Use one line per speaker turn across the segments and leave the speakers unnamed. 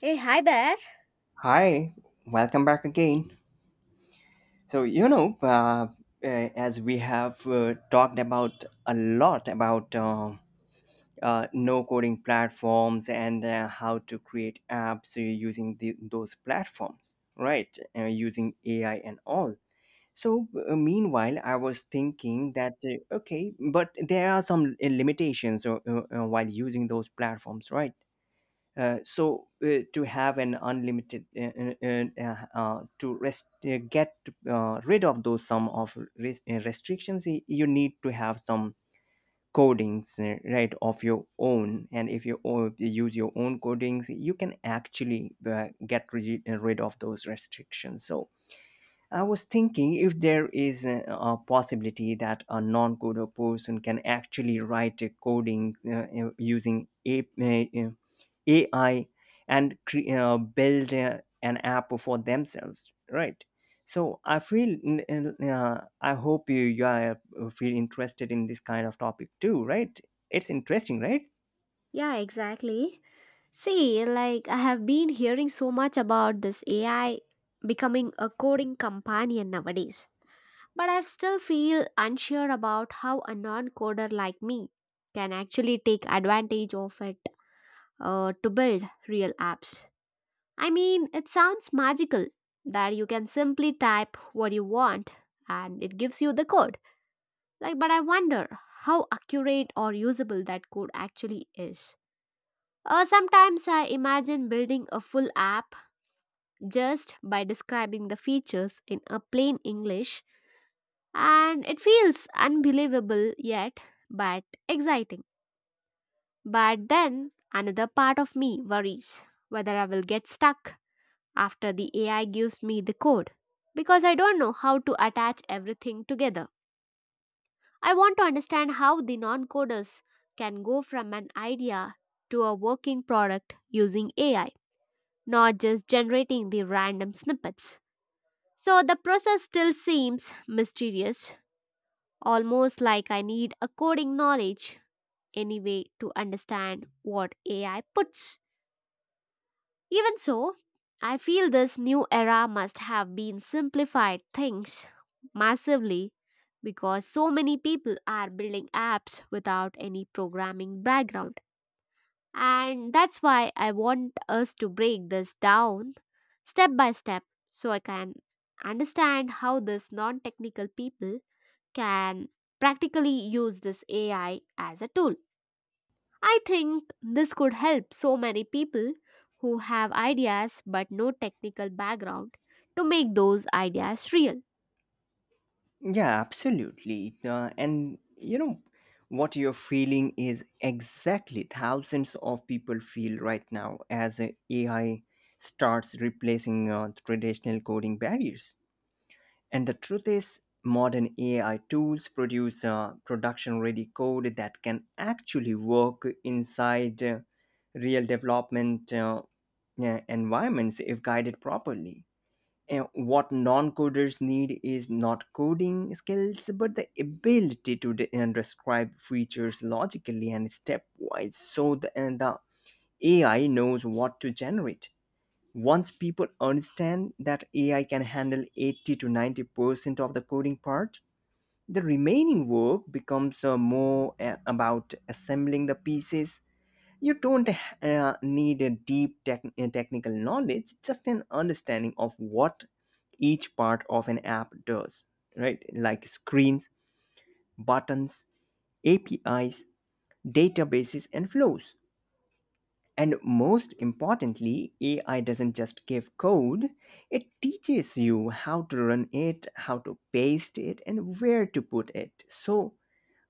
Hey, hi there.
Hi, welcome back again. So, as we have talked about a lot about no coding platforms and how to create apps using those platforms, right? Using AI and all. So, meanwhile, I was thinking that, okay, but there are some limitations while using those platforms, right? To have an unlimited to rest get rid of those some of restrictions, you need to have some codings right of your own, and if you use your own codings you can actually get rid of those restrictions. So I was thinking if there is a possibility that a non coder person can actually write a coding using AI and build an app for themselves, right? So I feel I hope you are, feel interested in this kind of topic too, right? It's interesting, right?
Yeah, exactly. See, like I have been hearing so much about this AI becoming a coding companion nowadays, but I still feel unsure about how a non-coder like me can actually take advantage of it to build real apps. I mean, it sounds magical that you can simply type what you want and it gives you the code. Like, but I wonder how accurate or usable that code actually is. Sometimes I imagine building a full app just by describing the features in a plain English, and it feels unbelievable yet, but exciting. But then another part of me worries whether I will get stuck after the AI gives me the code because I don't know how to attach everything together. I want to understand how the non coders can go from an idea to a working product using AI, not just generating the random snippets. So the process still seems mysterious, almost like I need a coding knowledge anyway to understand what AI puts. Even so, I feel this new era must have been simplified things massively because so many people are building apps without any programming background. And that's why I want us to break this down step by step so I can understand how this non technical people can practically use this AI as a tool. I think this could help so many people who have ideas but no technical background to make those ideas real.
Yeah, absolutely. And you know what you're feeling is exactly thousands of people feel right now as AI starts replacing traditional coding barriers. And the truth is, modern AI tools produce production ready code that can actually work inside real development environments if guided properly. And what non coders need is not coding skills, but the ability to de- and describe features logically and stepwise so the AI knows what to generate. Once people understand that AI can handle 80 to 90% of the coding part, the remaining work becomes more about assembling the pieces. You don't need a deep technical knowledge, just an understanding of what each part of an app does, right? Like screens, buttons, APIs, databases, and flows. And most importantly, AI doesn't just give code, it teaches you how to run it, how to paste it, and where to put it. So,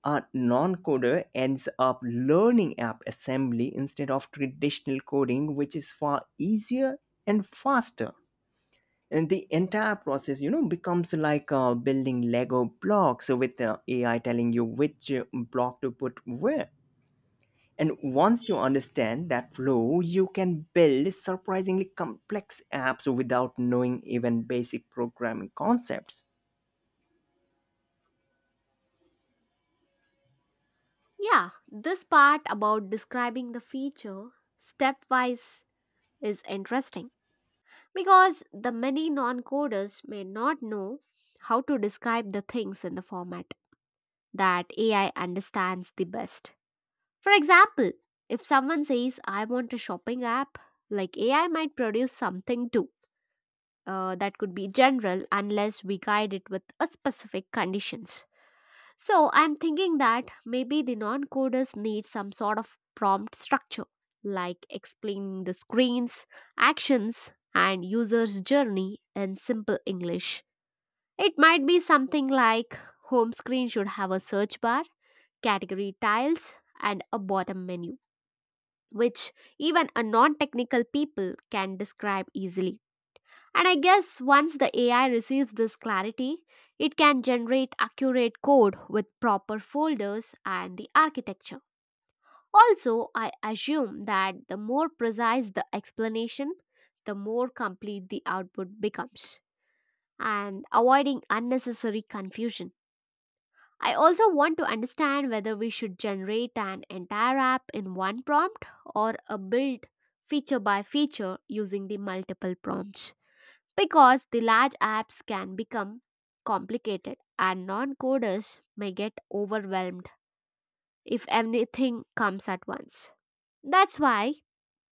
a non coder ends up learning app assembly instead of traditional coding, which is far easier and faster. And the entire process, becomes like building Lego blocks with AI telling you which block to put where. And once you understand that flow, you can build surprisingly complex apps without knowing even basic programming concepts.
Yeah, this part about describing the feature stepwise is interesting. Because the many non coders may not know how to describe the things in the format that AI understands the best. For example, if someone says, I want a shopping app, like AI might produce something too that could be general unless we guide it with a specific conditions. So I'm thinking that maybe the non coders need some sort of prompt structure, like explaining the screen's actions and user's journey in simple English. It might be something like home screen should have a search bar, category tiles, and a bottom menu, which even a non technical people can describe easily. And I guess once the AI receives this clarity, it can generate accurate code with proper folders and the architecture. Also, I assume that the more precise the explanation, the more complete the output becomes, and avoiding unnecessary confusion. I also want to understand whether we should generate an entire app in one prompt or a build feature by feature using the multiple prompts because the large apps can become complicated and non coders may get overwhelmed if everything comes at once. That's why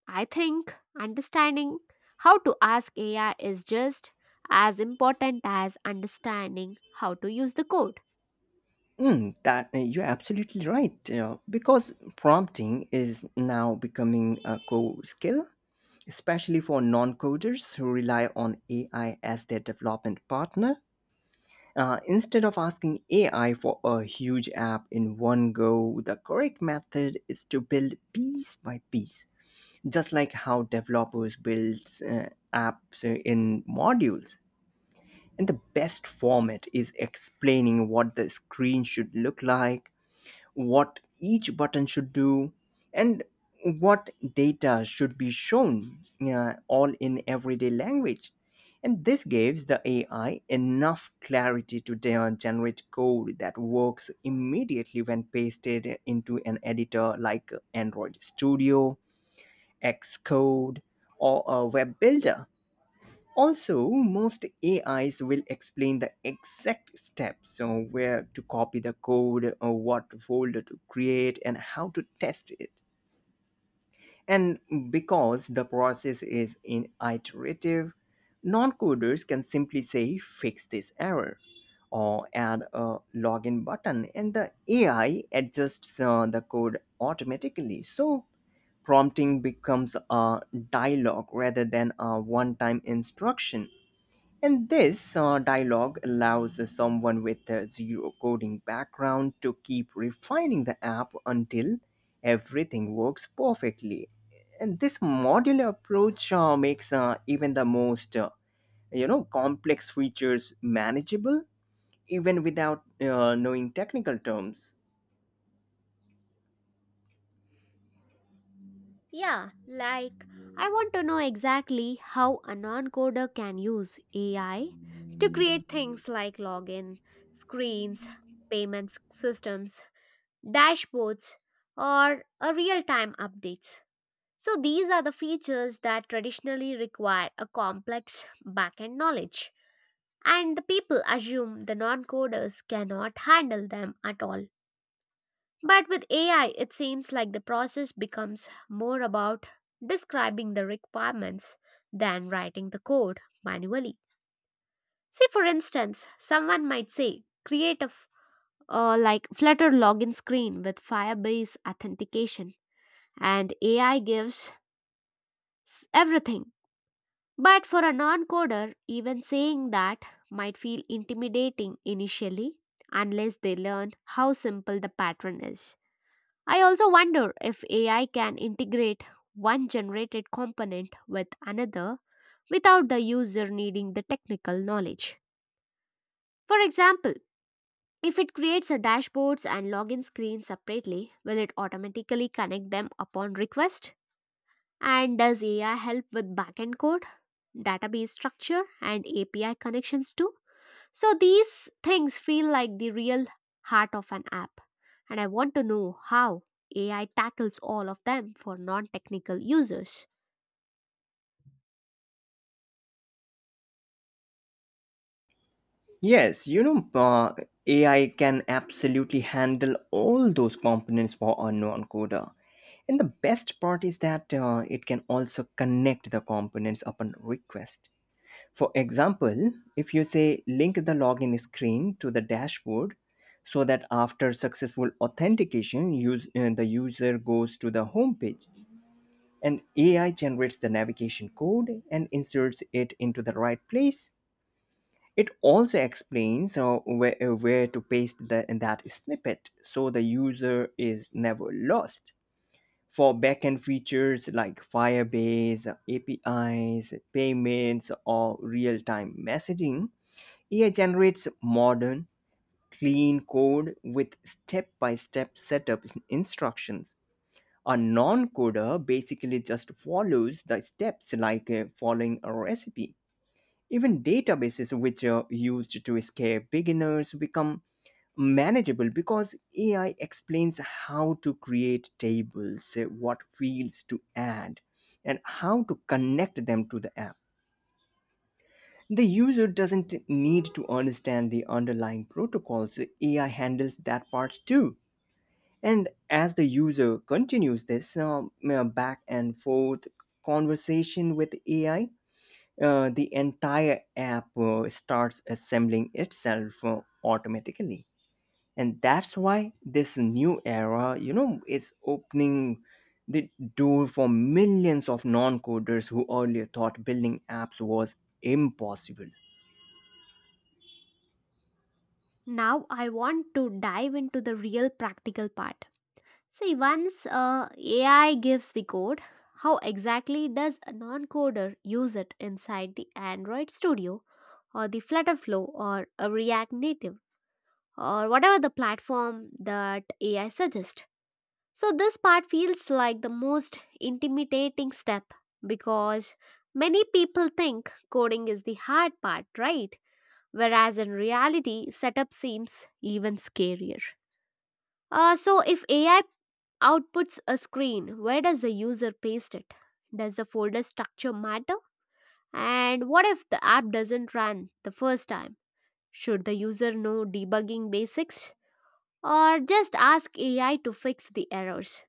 I think understanding how to ask AI is just as important as understanding how to use the code.
Mm, that You're absolutely right. You know, because prompting is now becoming a core skill, especially for non-coders who rely on AI as their development partner. Instead of asking AI for a huge app in one go, the correct method is to build piece by piece, just like how developers build uh, apps in modules. And the best format is explaining what the screen should look like, what each button should do, and what data should be shown, all in everyday language. And this gives the AI enough clarity to generate code that works immediately when pasted into an editor like Android Studio, Xcode, or a web builder. Also, most AIs will explain the exact steps, so where to copy the code, or what folder to create, and how to test it. And because the process is in iterative, non coders can simply say, fix this error or add a login button, and the AI adjusts the code automatically. So prompting becomes a dialogue rather than a one time instruction. And this dialogue allows someone with a zero coding background to keep refining the app until everything works perfectly. And this modular approach makes even the most complex features manageable even without knowing technical terms.
Yeah, like I want to know exactly how a non coder can use AI to create things like login, screens, systems, dashboards, or a real-time updates. So these are the features that traditionally require a complex backend knowledge and the people assume the non-coders cannot handle them at all. But with AI it seems like the process becomes more about describing the requirements than writing the code manually. See for instance, someone might say like Flutter login screen with Firebase authentication and AI gives everything. But for a non coder, even saying that might feel intimidating initially unless they learn how simple the pattern is. I also wonder if AI can integrate one generated component with another without the user needing the technical knowledge. For example, if it creates a dashboards and login screen separately, will it automatically connect them upon request? And does AI help with backend code, database structure, and API connections too? So these things feel like the real heart of an app. And I want to know how AI tackles all of them for non technical users.
Yes, AI can absolutely handle all those components for a non coder. And the best part is that it can also connect the components upon request. For example, if you say link the login screen to the dashboard so that after successful authentication, the user goes to the homepage, and AI generates the navigation code and inserts it into the right place. It also explains where to paste that snippet, so the user is never lost. For backend features like Firebase, APIs, payments, or real time messaging, AI generates modern, clean code with step by step setup instructions. A non coder basically just follows the steps like following a recipe. Even databases, which are used to scare beginners, become manageable because AI explains how to create tables, what fields to add, and how to connect them to the app. The user doesn't need to understand the underlying protocols; AI handles that part too. And as the user continues this back and forth conversation with AI, the entire app starts assembling itself automatically, and that's why this new era is opening the door for millions of non-coders who earlier thought building apps was impossible.
Now I want to dive into the real practical part. See, once AI gives the code, how exactly does a non coder use it inside the Android Studio or the Flutter Flow or a React Native, or whatever the platform that AI suggests? So, this part feels like the most intimidating step because many people think coding is the hard part, right? Whereas in reality, setup seems even scarier. So, if AI outputs a screen, where does the user paste it? Does the folder structure matter? And what if the app doesn't run the first time? Should the user know debugging basics, or just ask AI to fix the errors?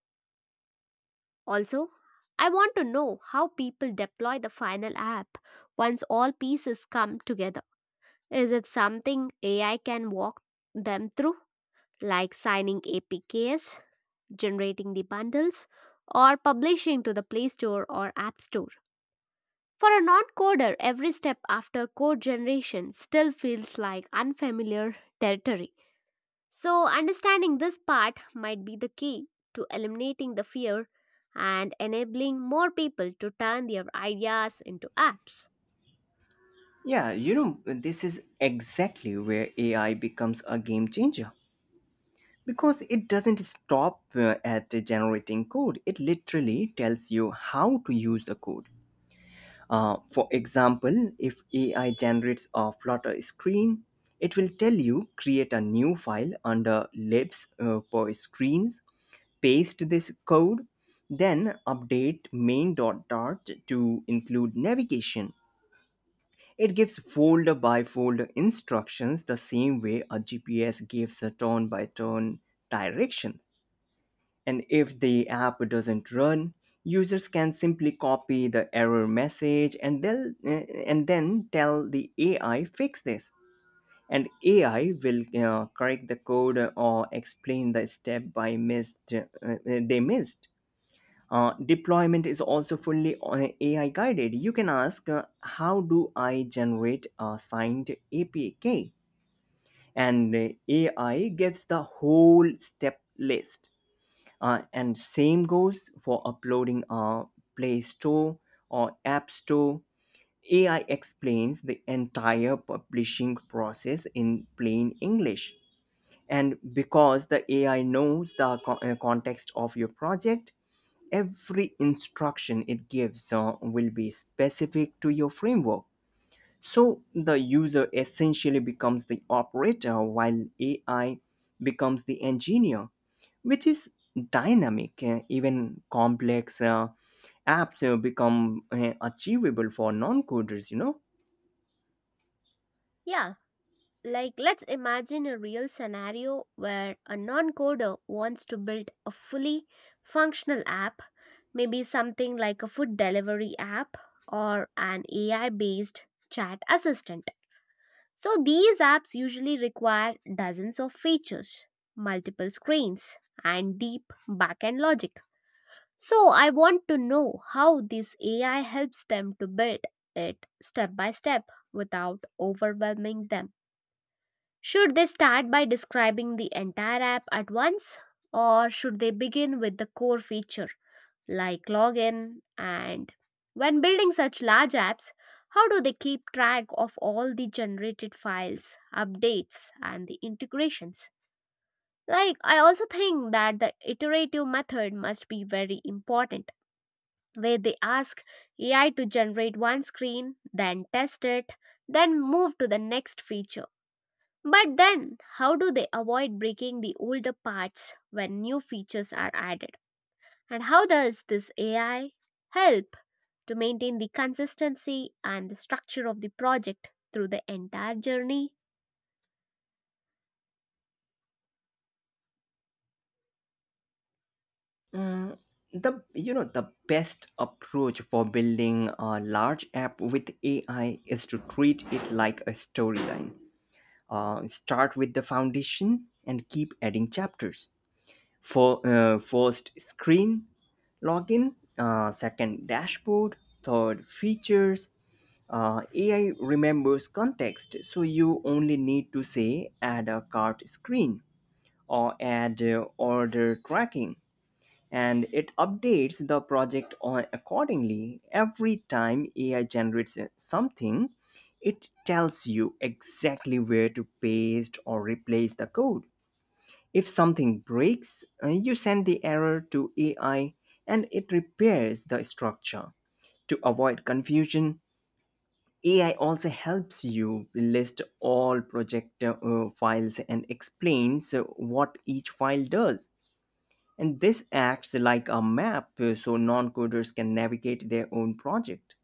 Also, I want to know how people deploy the final app once all pieces come together. Is it something AI can walk them through, like signing APKs, generating the bundles, or publishing to the Play Store or App Store? For a non coder, every step after code generation still feels like unfamiliar territory. So, understanding this part might be the key to eliminating the fear and enabling more people to turn their ideas into apps.
Yeah, you know, this is exactly where AI becomes a game changer, because it doesn't stop at generating code; it literally tells you how to use the code. For example, if AI generates a Flutter screen, it will tell you create a new file under libs per screens, paste this code, then update main.dart to include navigation. It gives folder by folder instructions the same way a GPS gives a turn by turn direction. And if the app doesn't run, users can simply copy the error message and and then tell the AI fix this. And AI will correct the code or explain the step by missed they missed. Deployment is also fully AI guided. You can ask, how do I generate a signed APK? And AI gives the whole step list, and same goes for uploading a Play Store or App Store. AI explains the entire publishing process in plain English. And because the AI knows the context of your project, every instruction it gives will be specific to your framework. So the user essentially becomes the operator while AI becomes the engineer, which is dynamic; even complex apps become achievable for non-coders, you know.
Yeah, like let's imagine a real scenario where a non coder wants to build a fully functional app, maybe something like a food delivery app or an AI based chat assistant. So these apps usually require dozens of features, multiple screens, and deep backend logic. So I want to know how this AI helps them to build it step by step without overwhelming them. Should they start by describing the entire app at once or should they begin with the core feature, like login? And when building such large apps, how do they keep track of all the generated files, updates, and the integrations? Like, I also think that the iterative method must be very important, where they ask AI to generate one screen, then test it, then move to the next feature. But then how do they avoid breaking the older parts when new features are added, and how does this AI help to maintain the consistency and the structure of the project through the entire journey?
Mm, the best approach for building a large app with AI is to treat it like a storyline. Start with the foundation and keep adding chapters. For first screen, login; second, dashboard; third, features. AI remembers context, so you only need to say add a cart screen or add order tracking, and it updates the project on accordingly. Every time AI generates something, it tells you exactly where to paste or replace the code. If something breaks, you send the error to AI and it repairs the structure. To avoid confusion, AI also helps you list all project files and explains what each file does. And this acts like a map, so non coders can navigate their own project.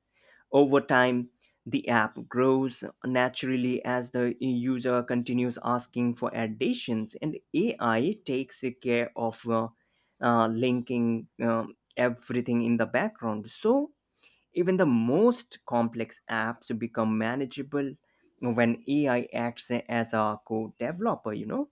Over time, the app grows naturally as the user continues asking for additions, and AI takes care of linking everything in the background. So, even the most complex apps become manageable when AI acts as a co developer, you know?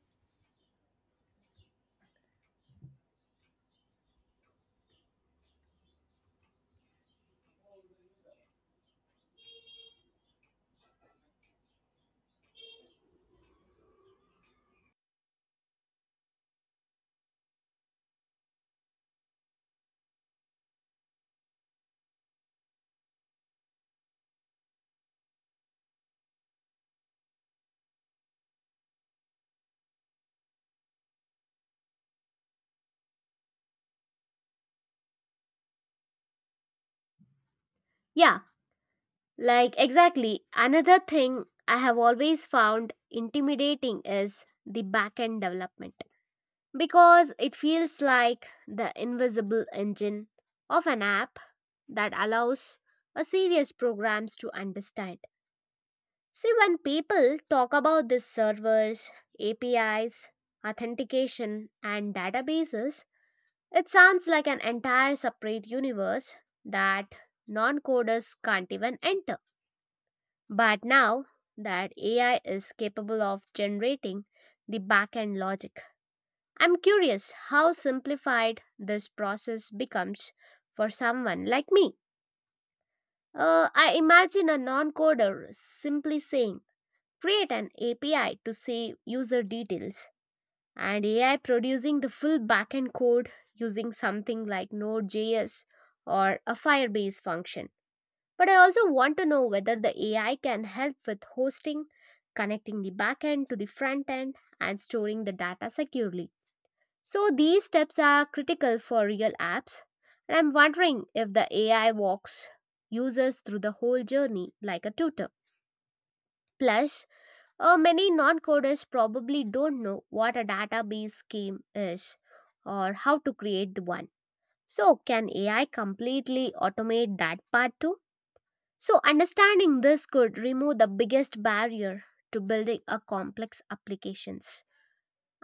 Yeah, like exactly. Another thing I have always found intimidating is the backend development because it feels like the invisible engine of an app that allows a serious programs to understand. See, when people talk about these servers, APIs, authentication, and databases, it sounds like an entire separate universe that non coders can't even enter. But now that AI is capable of generating the backend logic, I'm curious how simplified this process becomes for someone like me. I imagine a non coder simply saying, create an API to save user details, and AI producing the full backend code using something like Node.js or a Firebase function. But I also want to know whether the AI can help with hosting, connecting the backend to the front end, and storing the data securely. So these steps are critical for real apps, and I'm wondering if the AI walks users through the whole journey like a tutor. Plus, many non coders probably don't know what a database scheme is or how to create the one. So, can AI completely automate that part too? So, understanding this could remove the biggest barrier to building a complex applications.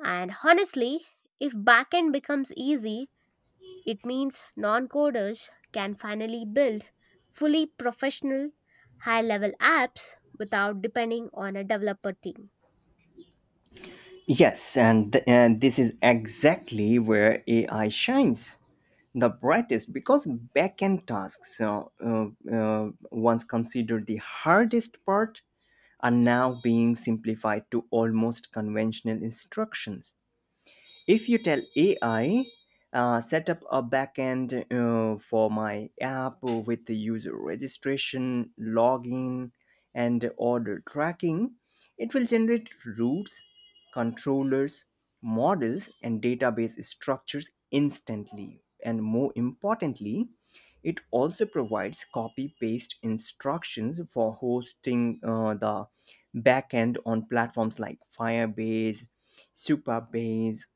And honestly, if backend becomes easy, it means non coders can finally build fully professional, high level apps without depending on a developer team.
Yes, and, and this is exactly where AI shines the brightest, because backend tasks, once considered the hardest part, are now being simplified to almost conventional instructions. If you tell AI, set up a backend for my app with the user registration, login, and order tracking, it will generate routes, controllers, models, and database structures instantly. And more importantly, it also provides copy paste instructions for hosting the backend on platforms like Firebase, Supabase,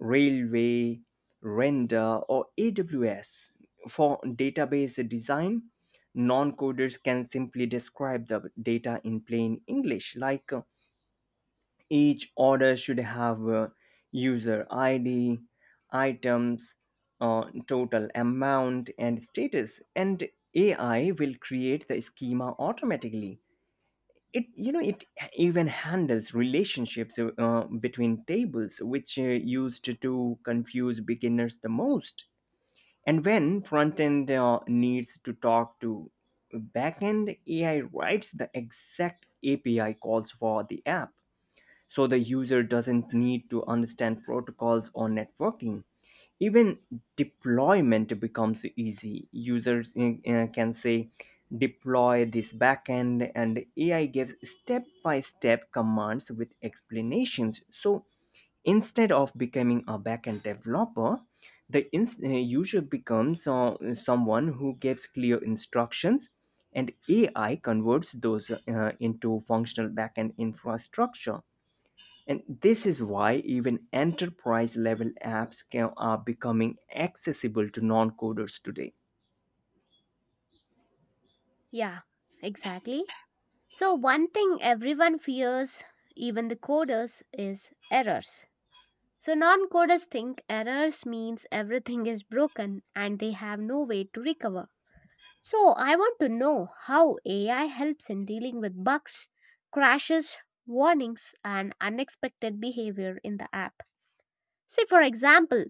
Railway, Render, or AWS. For database design, non coders can simply describe the data in plain English, like each order should have user ID, items, total amount, and status, and AI will create the schema automatically. It you know it even handles relationships between tables, which used to confuse beginners the most. And when front end needs to talk to backend, AI writes the exact API calls for the app, so the user doesn't need to understand protocols or networking. Even deployment becomes easy. Users can say deploy this backend, and AI gives step by step commands with explanations. So instead of becoming a backend developer, the user becomes someone who gives clear instructions, and AI converts those into functional backend infrastructure. And this is why even enterprise level apps are becoming accessible to non coders today.
Yeah, exactly. So, one thing everyone fears, even the coders, is errors. So, non coders think errors means everything is broken and they have no way to recover. So, I want to know how AI helps in dealing with bugs, crashes, warnings, and unexpected behavior in the app. Say, for example,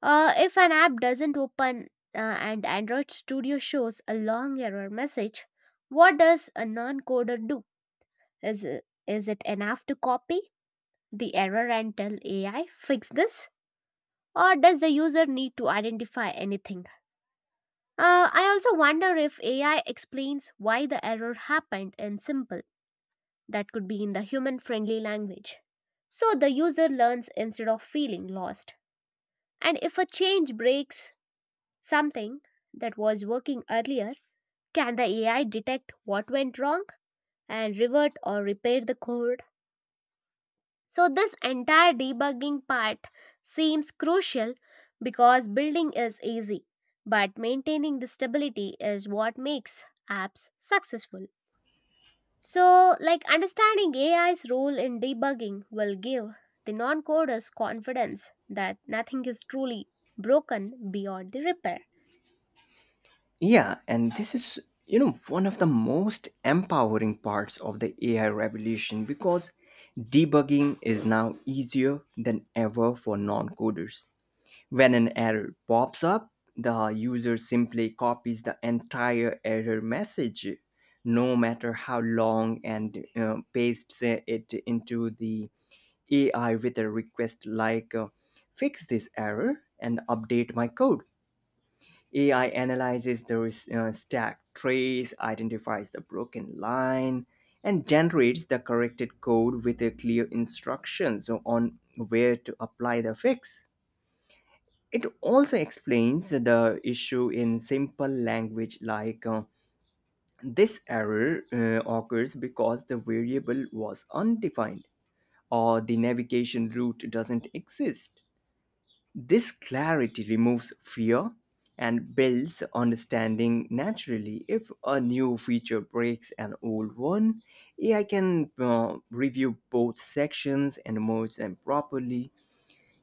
if an app doesn't open and Android Studio shows a long error message, what does a non-coder do? Is it enough to copy the error and tell AI fix this? Or does the user need to identify anything? I also wonder if AI explains why the error happened in simple, that could be in the human friendly language, so the user learns instead of feeling lost. And if a change breaks something that was working earlier, can the AI detect what went wrong and revert or repair the code? So, this entire debugging part seems crucial because building is easy, but maintaining the stability is what makes apps successful. So, like understanding AI's role in debugging will give the non coders confidence that nothing is truly broken beyond the repair.
Yeah, and this is, you know, one of the most empowering parts of the AI revolution, because debugging is now easier than ever for non-coders. When an error pops up, the user simply copies the entire error message, no matter how long, and pastes it into the AI with a request like, fix this error and update my code. AI analyzes the stack trace, identifies the broken line, and generates the corrected code with a clear instructions on where to apply the fix. It also explains the issue in simple language, like this error occurs because the variable was undefined or the navigation route doesn't exist. This clarity removes fear and builds understanding naturally. If a new feature breaks an old one, AI can review both sections and merge them properly.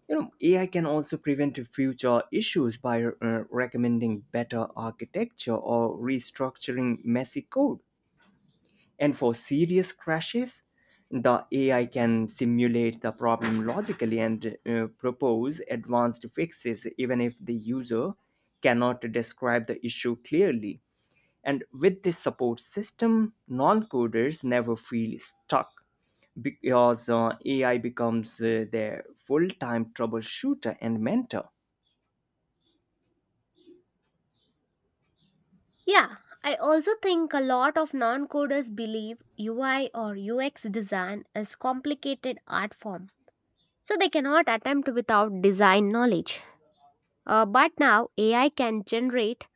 You know, AI can also prevent future issues by recommending better architecture or restructuring messy code. And for serious crashes, the AI can simulate the problem logically and propose advanced fixes even if the user cannot describe the issue clearly. And with this support system, non coders never feel stuck, because AI becomes their full time troubleshooter and mentor.
Yeah, I also think a lot of non coders believe UI or UX design is complicated art form, so they cannot attempt without design knowledge. But now AI can generate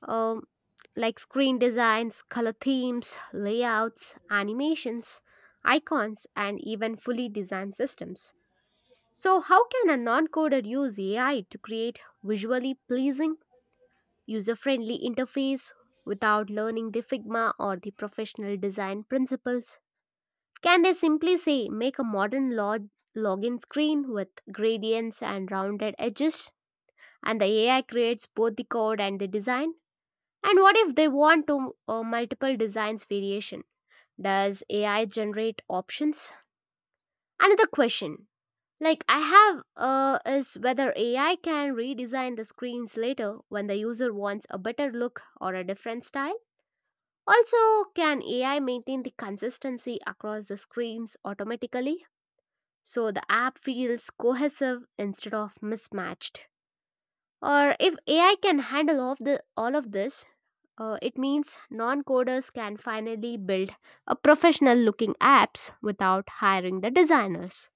um, like screen designs, color themes, layouts, animations, icons, and even fully designed systems. So, how can a non coder use AI to create visually pleasing user friendly interface without learning the Figma or the professional design principles? Can they simply say make a login screen with gradients and rounded edges, and the AI creates both the code and the design? And what if they want to multiple designs variation? Does AI generate options? Another question like I have is whether AI can redesign the screens later when the user wants a better look or a different style. Also, can AI maintain the consistency across the screens automatically so the app feels cohesive instead of mismatched? Or if AI can handle all of this, it means non coders can finally build a professional looking apps without hiring the designers.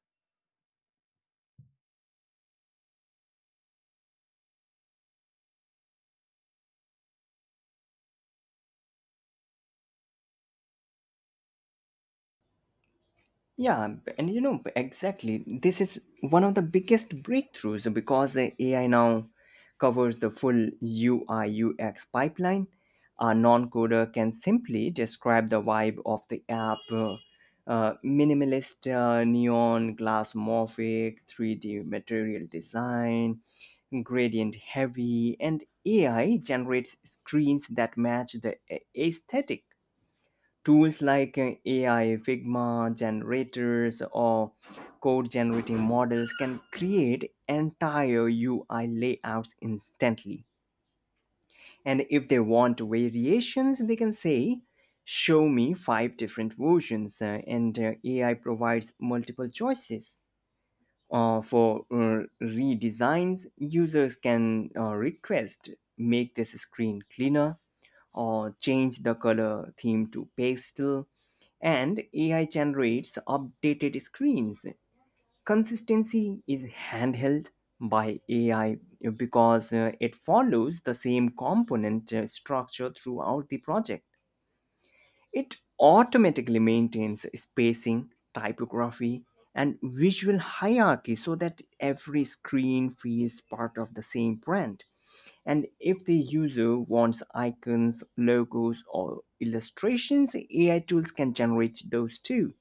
Yeah, and you know, exactly. This is one of the biggest breakthroughs, because AI now covers the full UI UX pipeline. A non coder can simply describe the vibe of the app, minimalist, neon, glass morphic, 3D material design, gradient heavy, and AI generates screens that match the aesthetic. Tools like AI, Figma generators, or code generating models can create entire UI layouts instantly. And if they want variations, they can say, show me five different versions, and AI provides multiple choices. For redesigns, users can request make this screen cleaner or change the color theme to pastel, and AI generates updated screens. Consistency is handheld by AI, because it follows the same component structure throughout the project. It automatically maintains spacing, typography, and visual hierarchy so that every screen feels part of the same brand. And if the user wants icons, logos, or illustrations, AI tools can generate those too.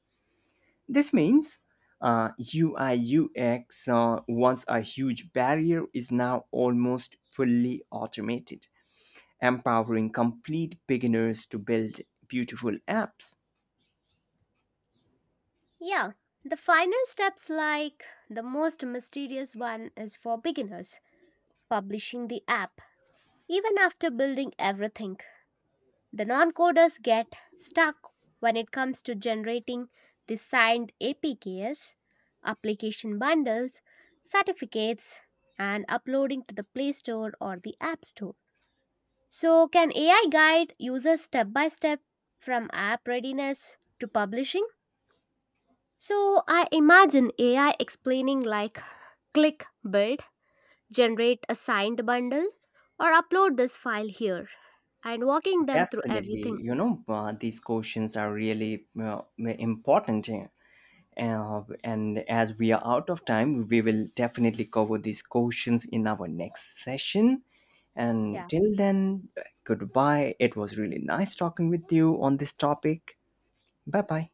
This means UI UX, once a huge barrier, is now almost fully automated, empowering complete beginners to build beautiful apps.
Yeah, the final steps, like the most mysterious one, is for beginners publishing the app. Even after building everything, the non coders get stuck when it comes to generating the signed APKs, application bundles, certificates, and uploading to the Play Store or the App Store. So, can AI guide users step by step from app readiness to publishing? So, I imagine AI explaining like click build, generate a signed bundle, or upload this file here, and walking them through
Definitely,
everything.
you know, these questions are really important. And as we are out of time, we will definitely cover these questions in our next session. And
Yeah.
till then, goodbye. It was really nice talking with you on this topic. Bye bye.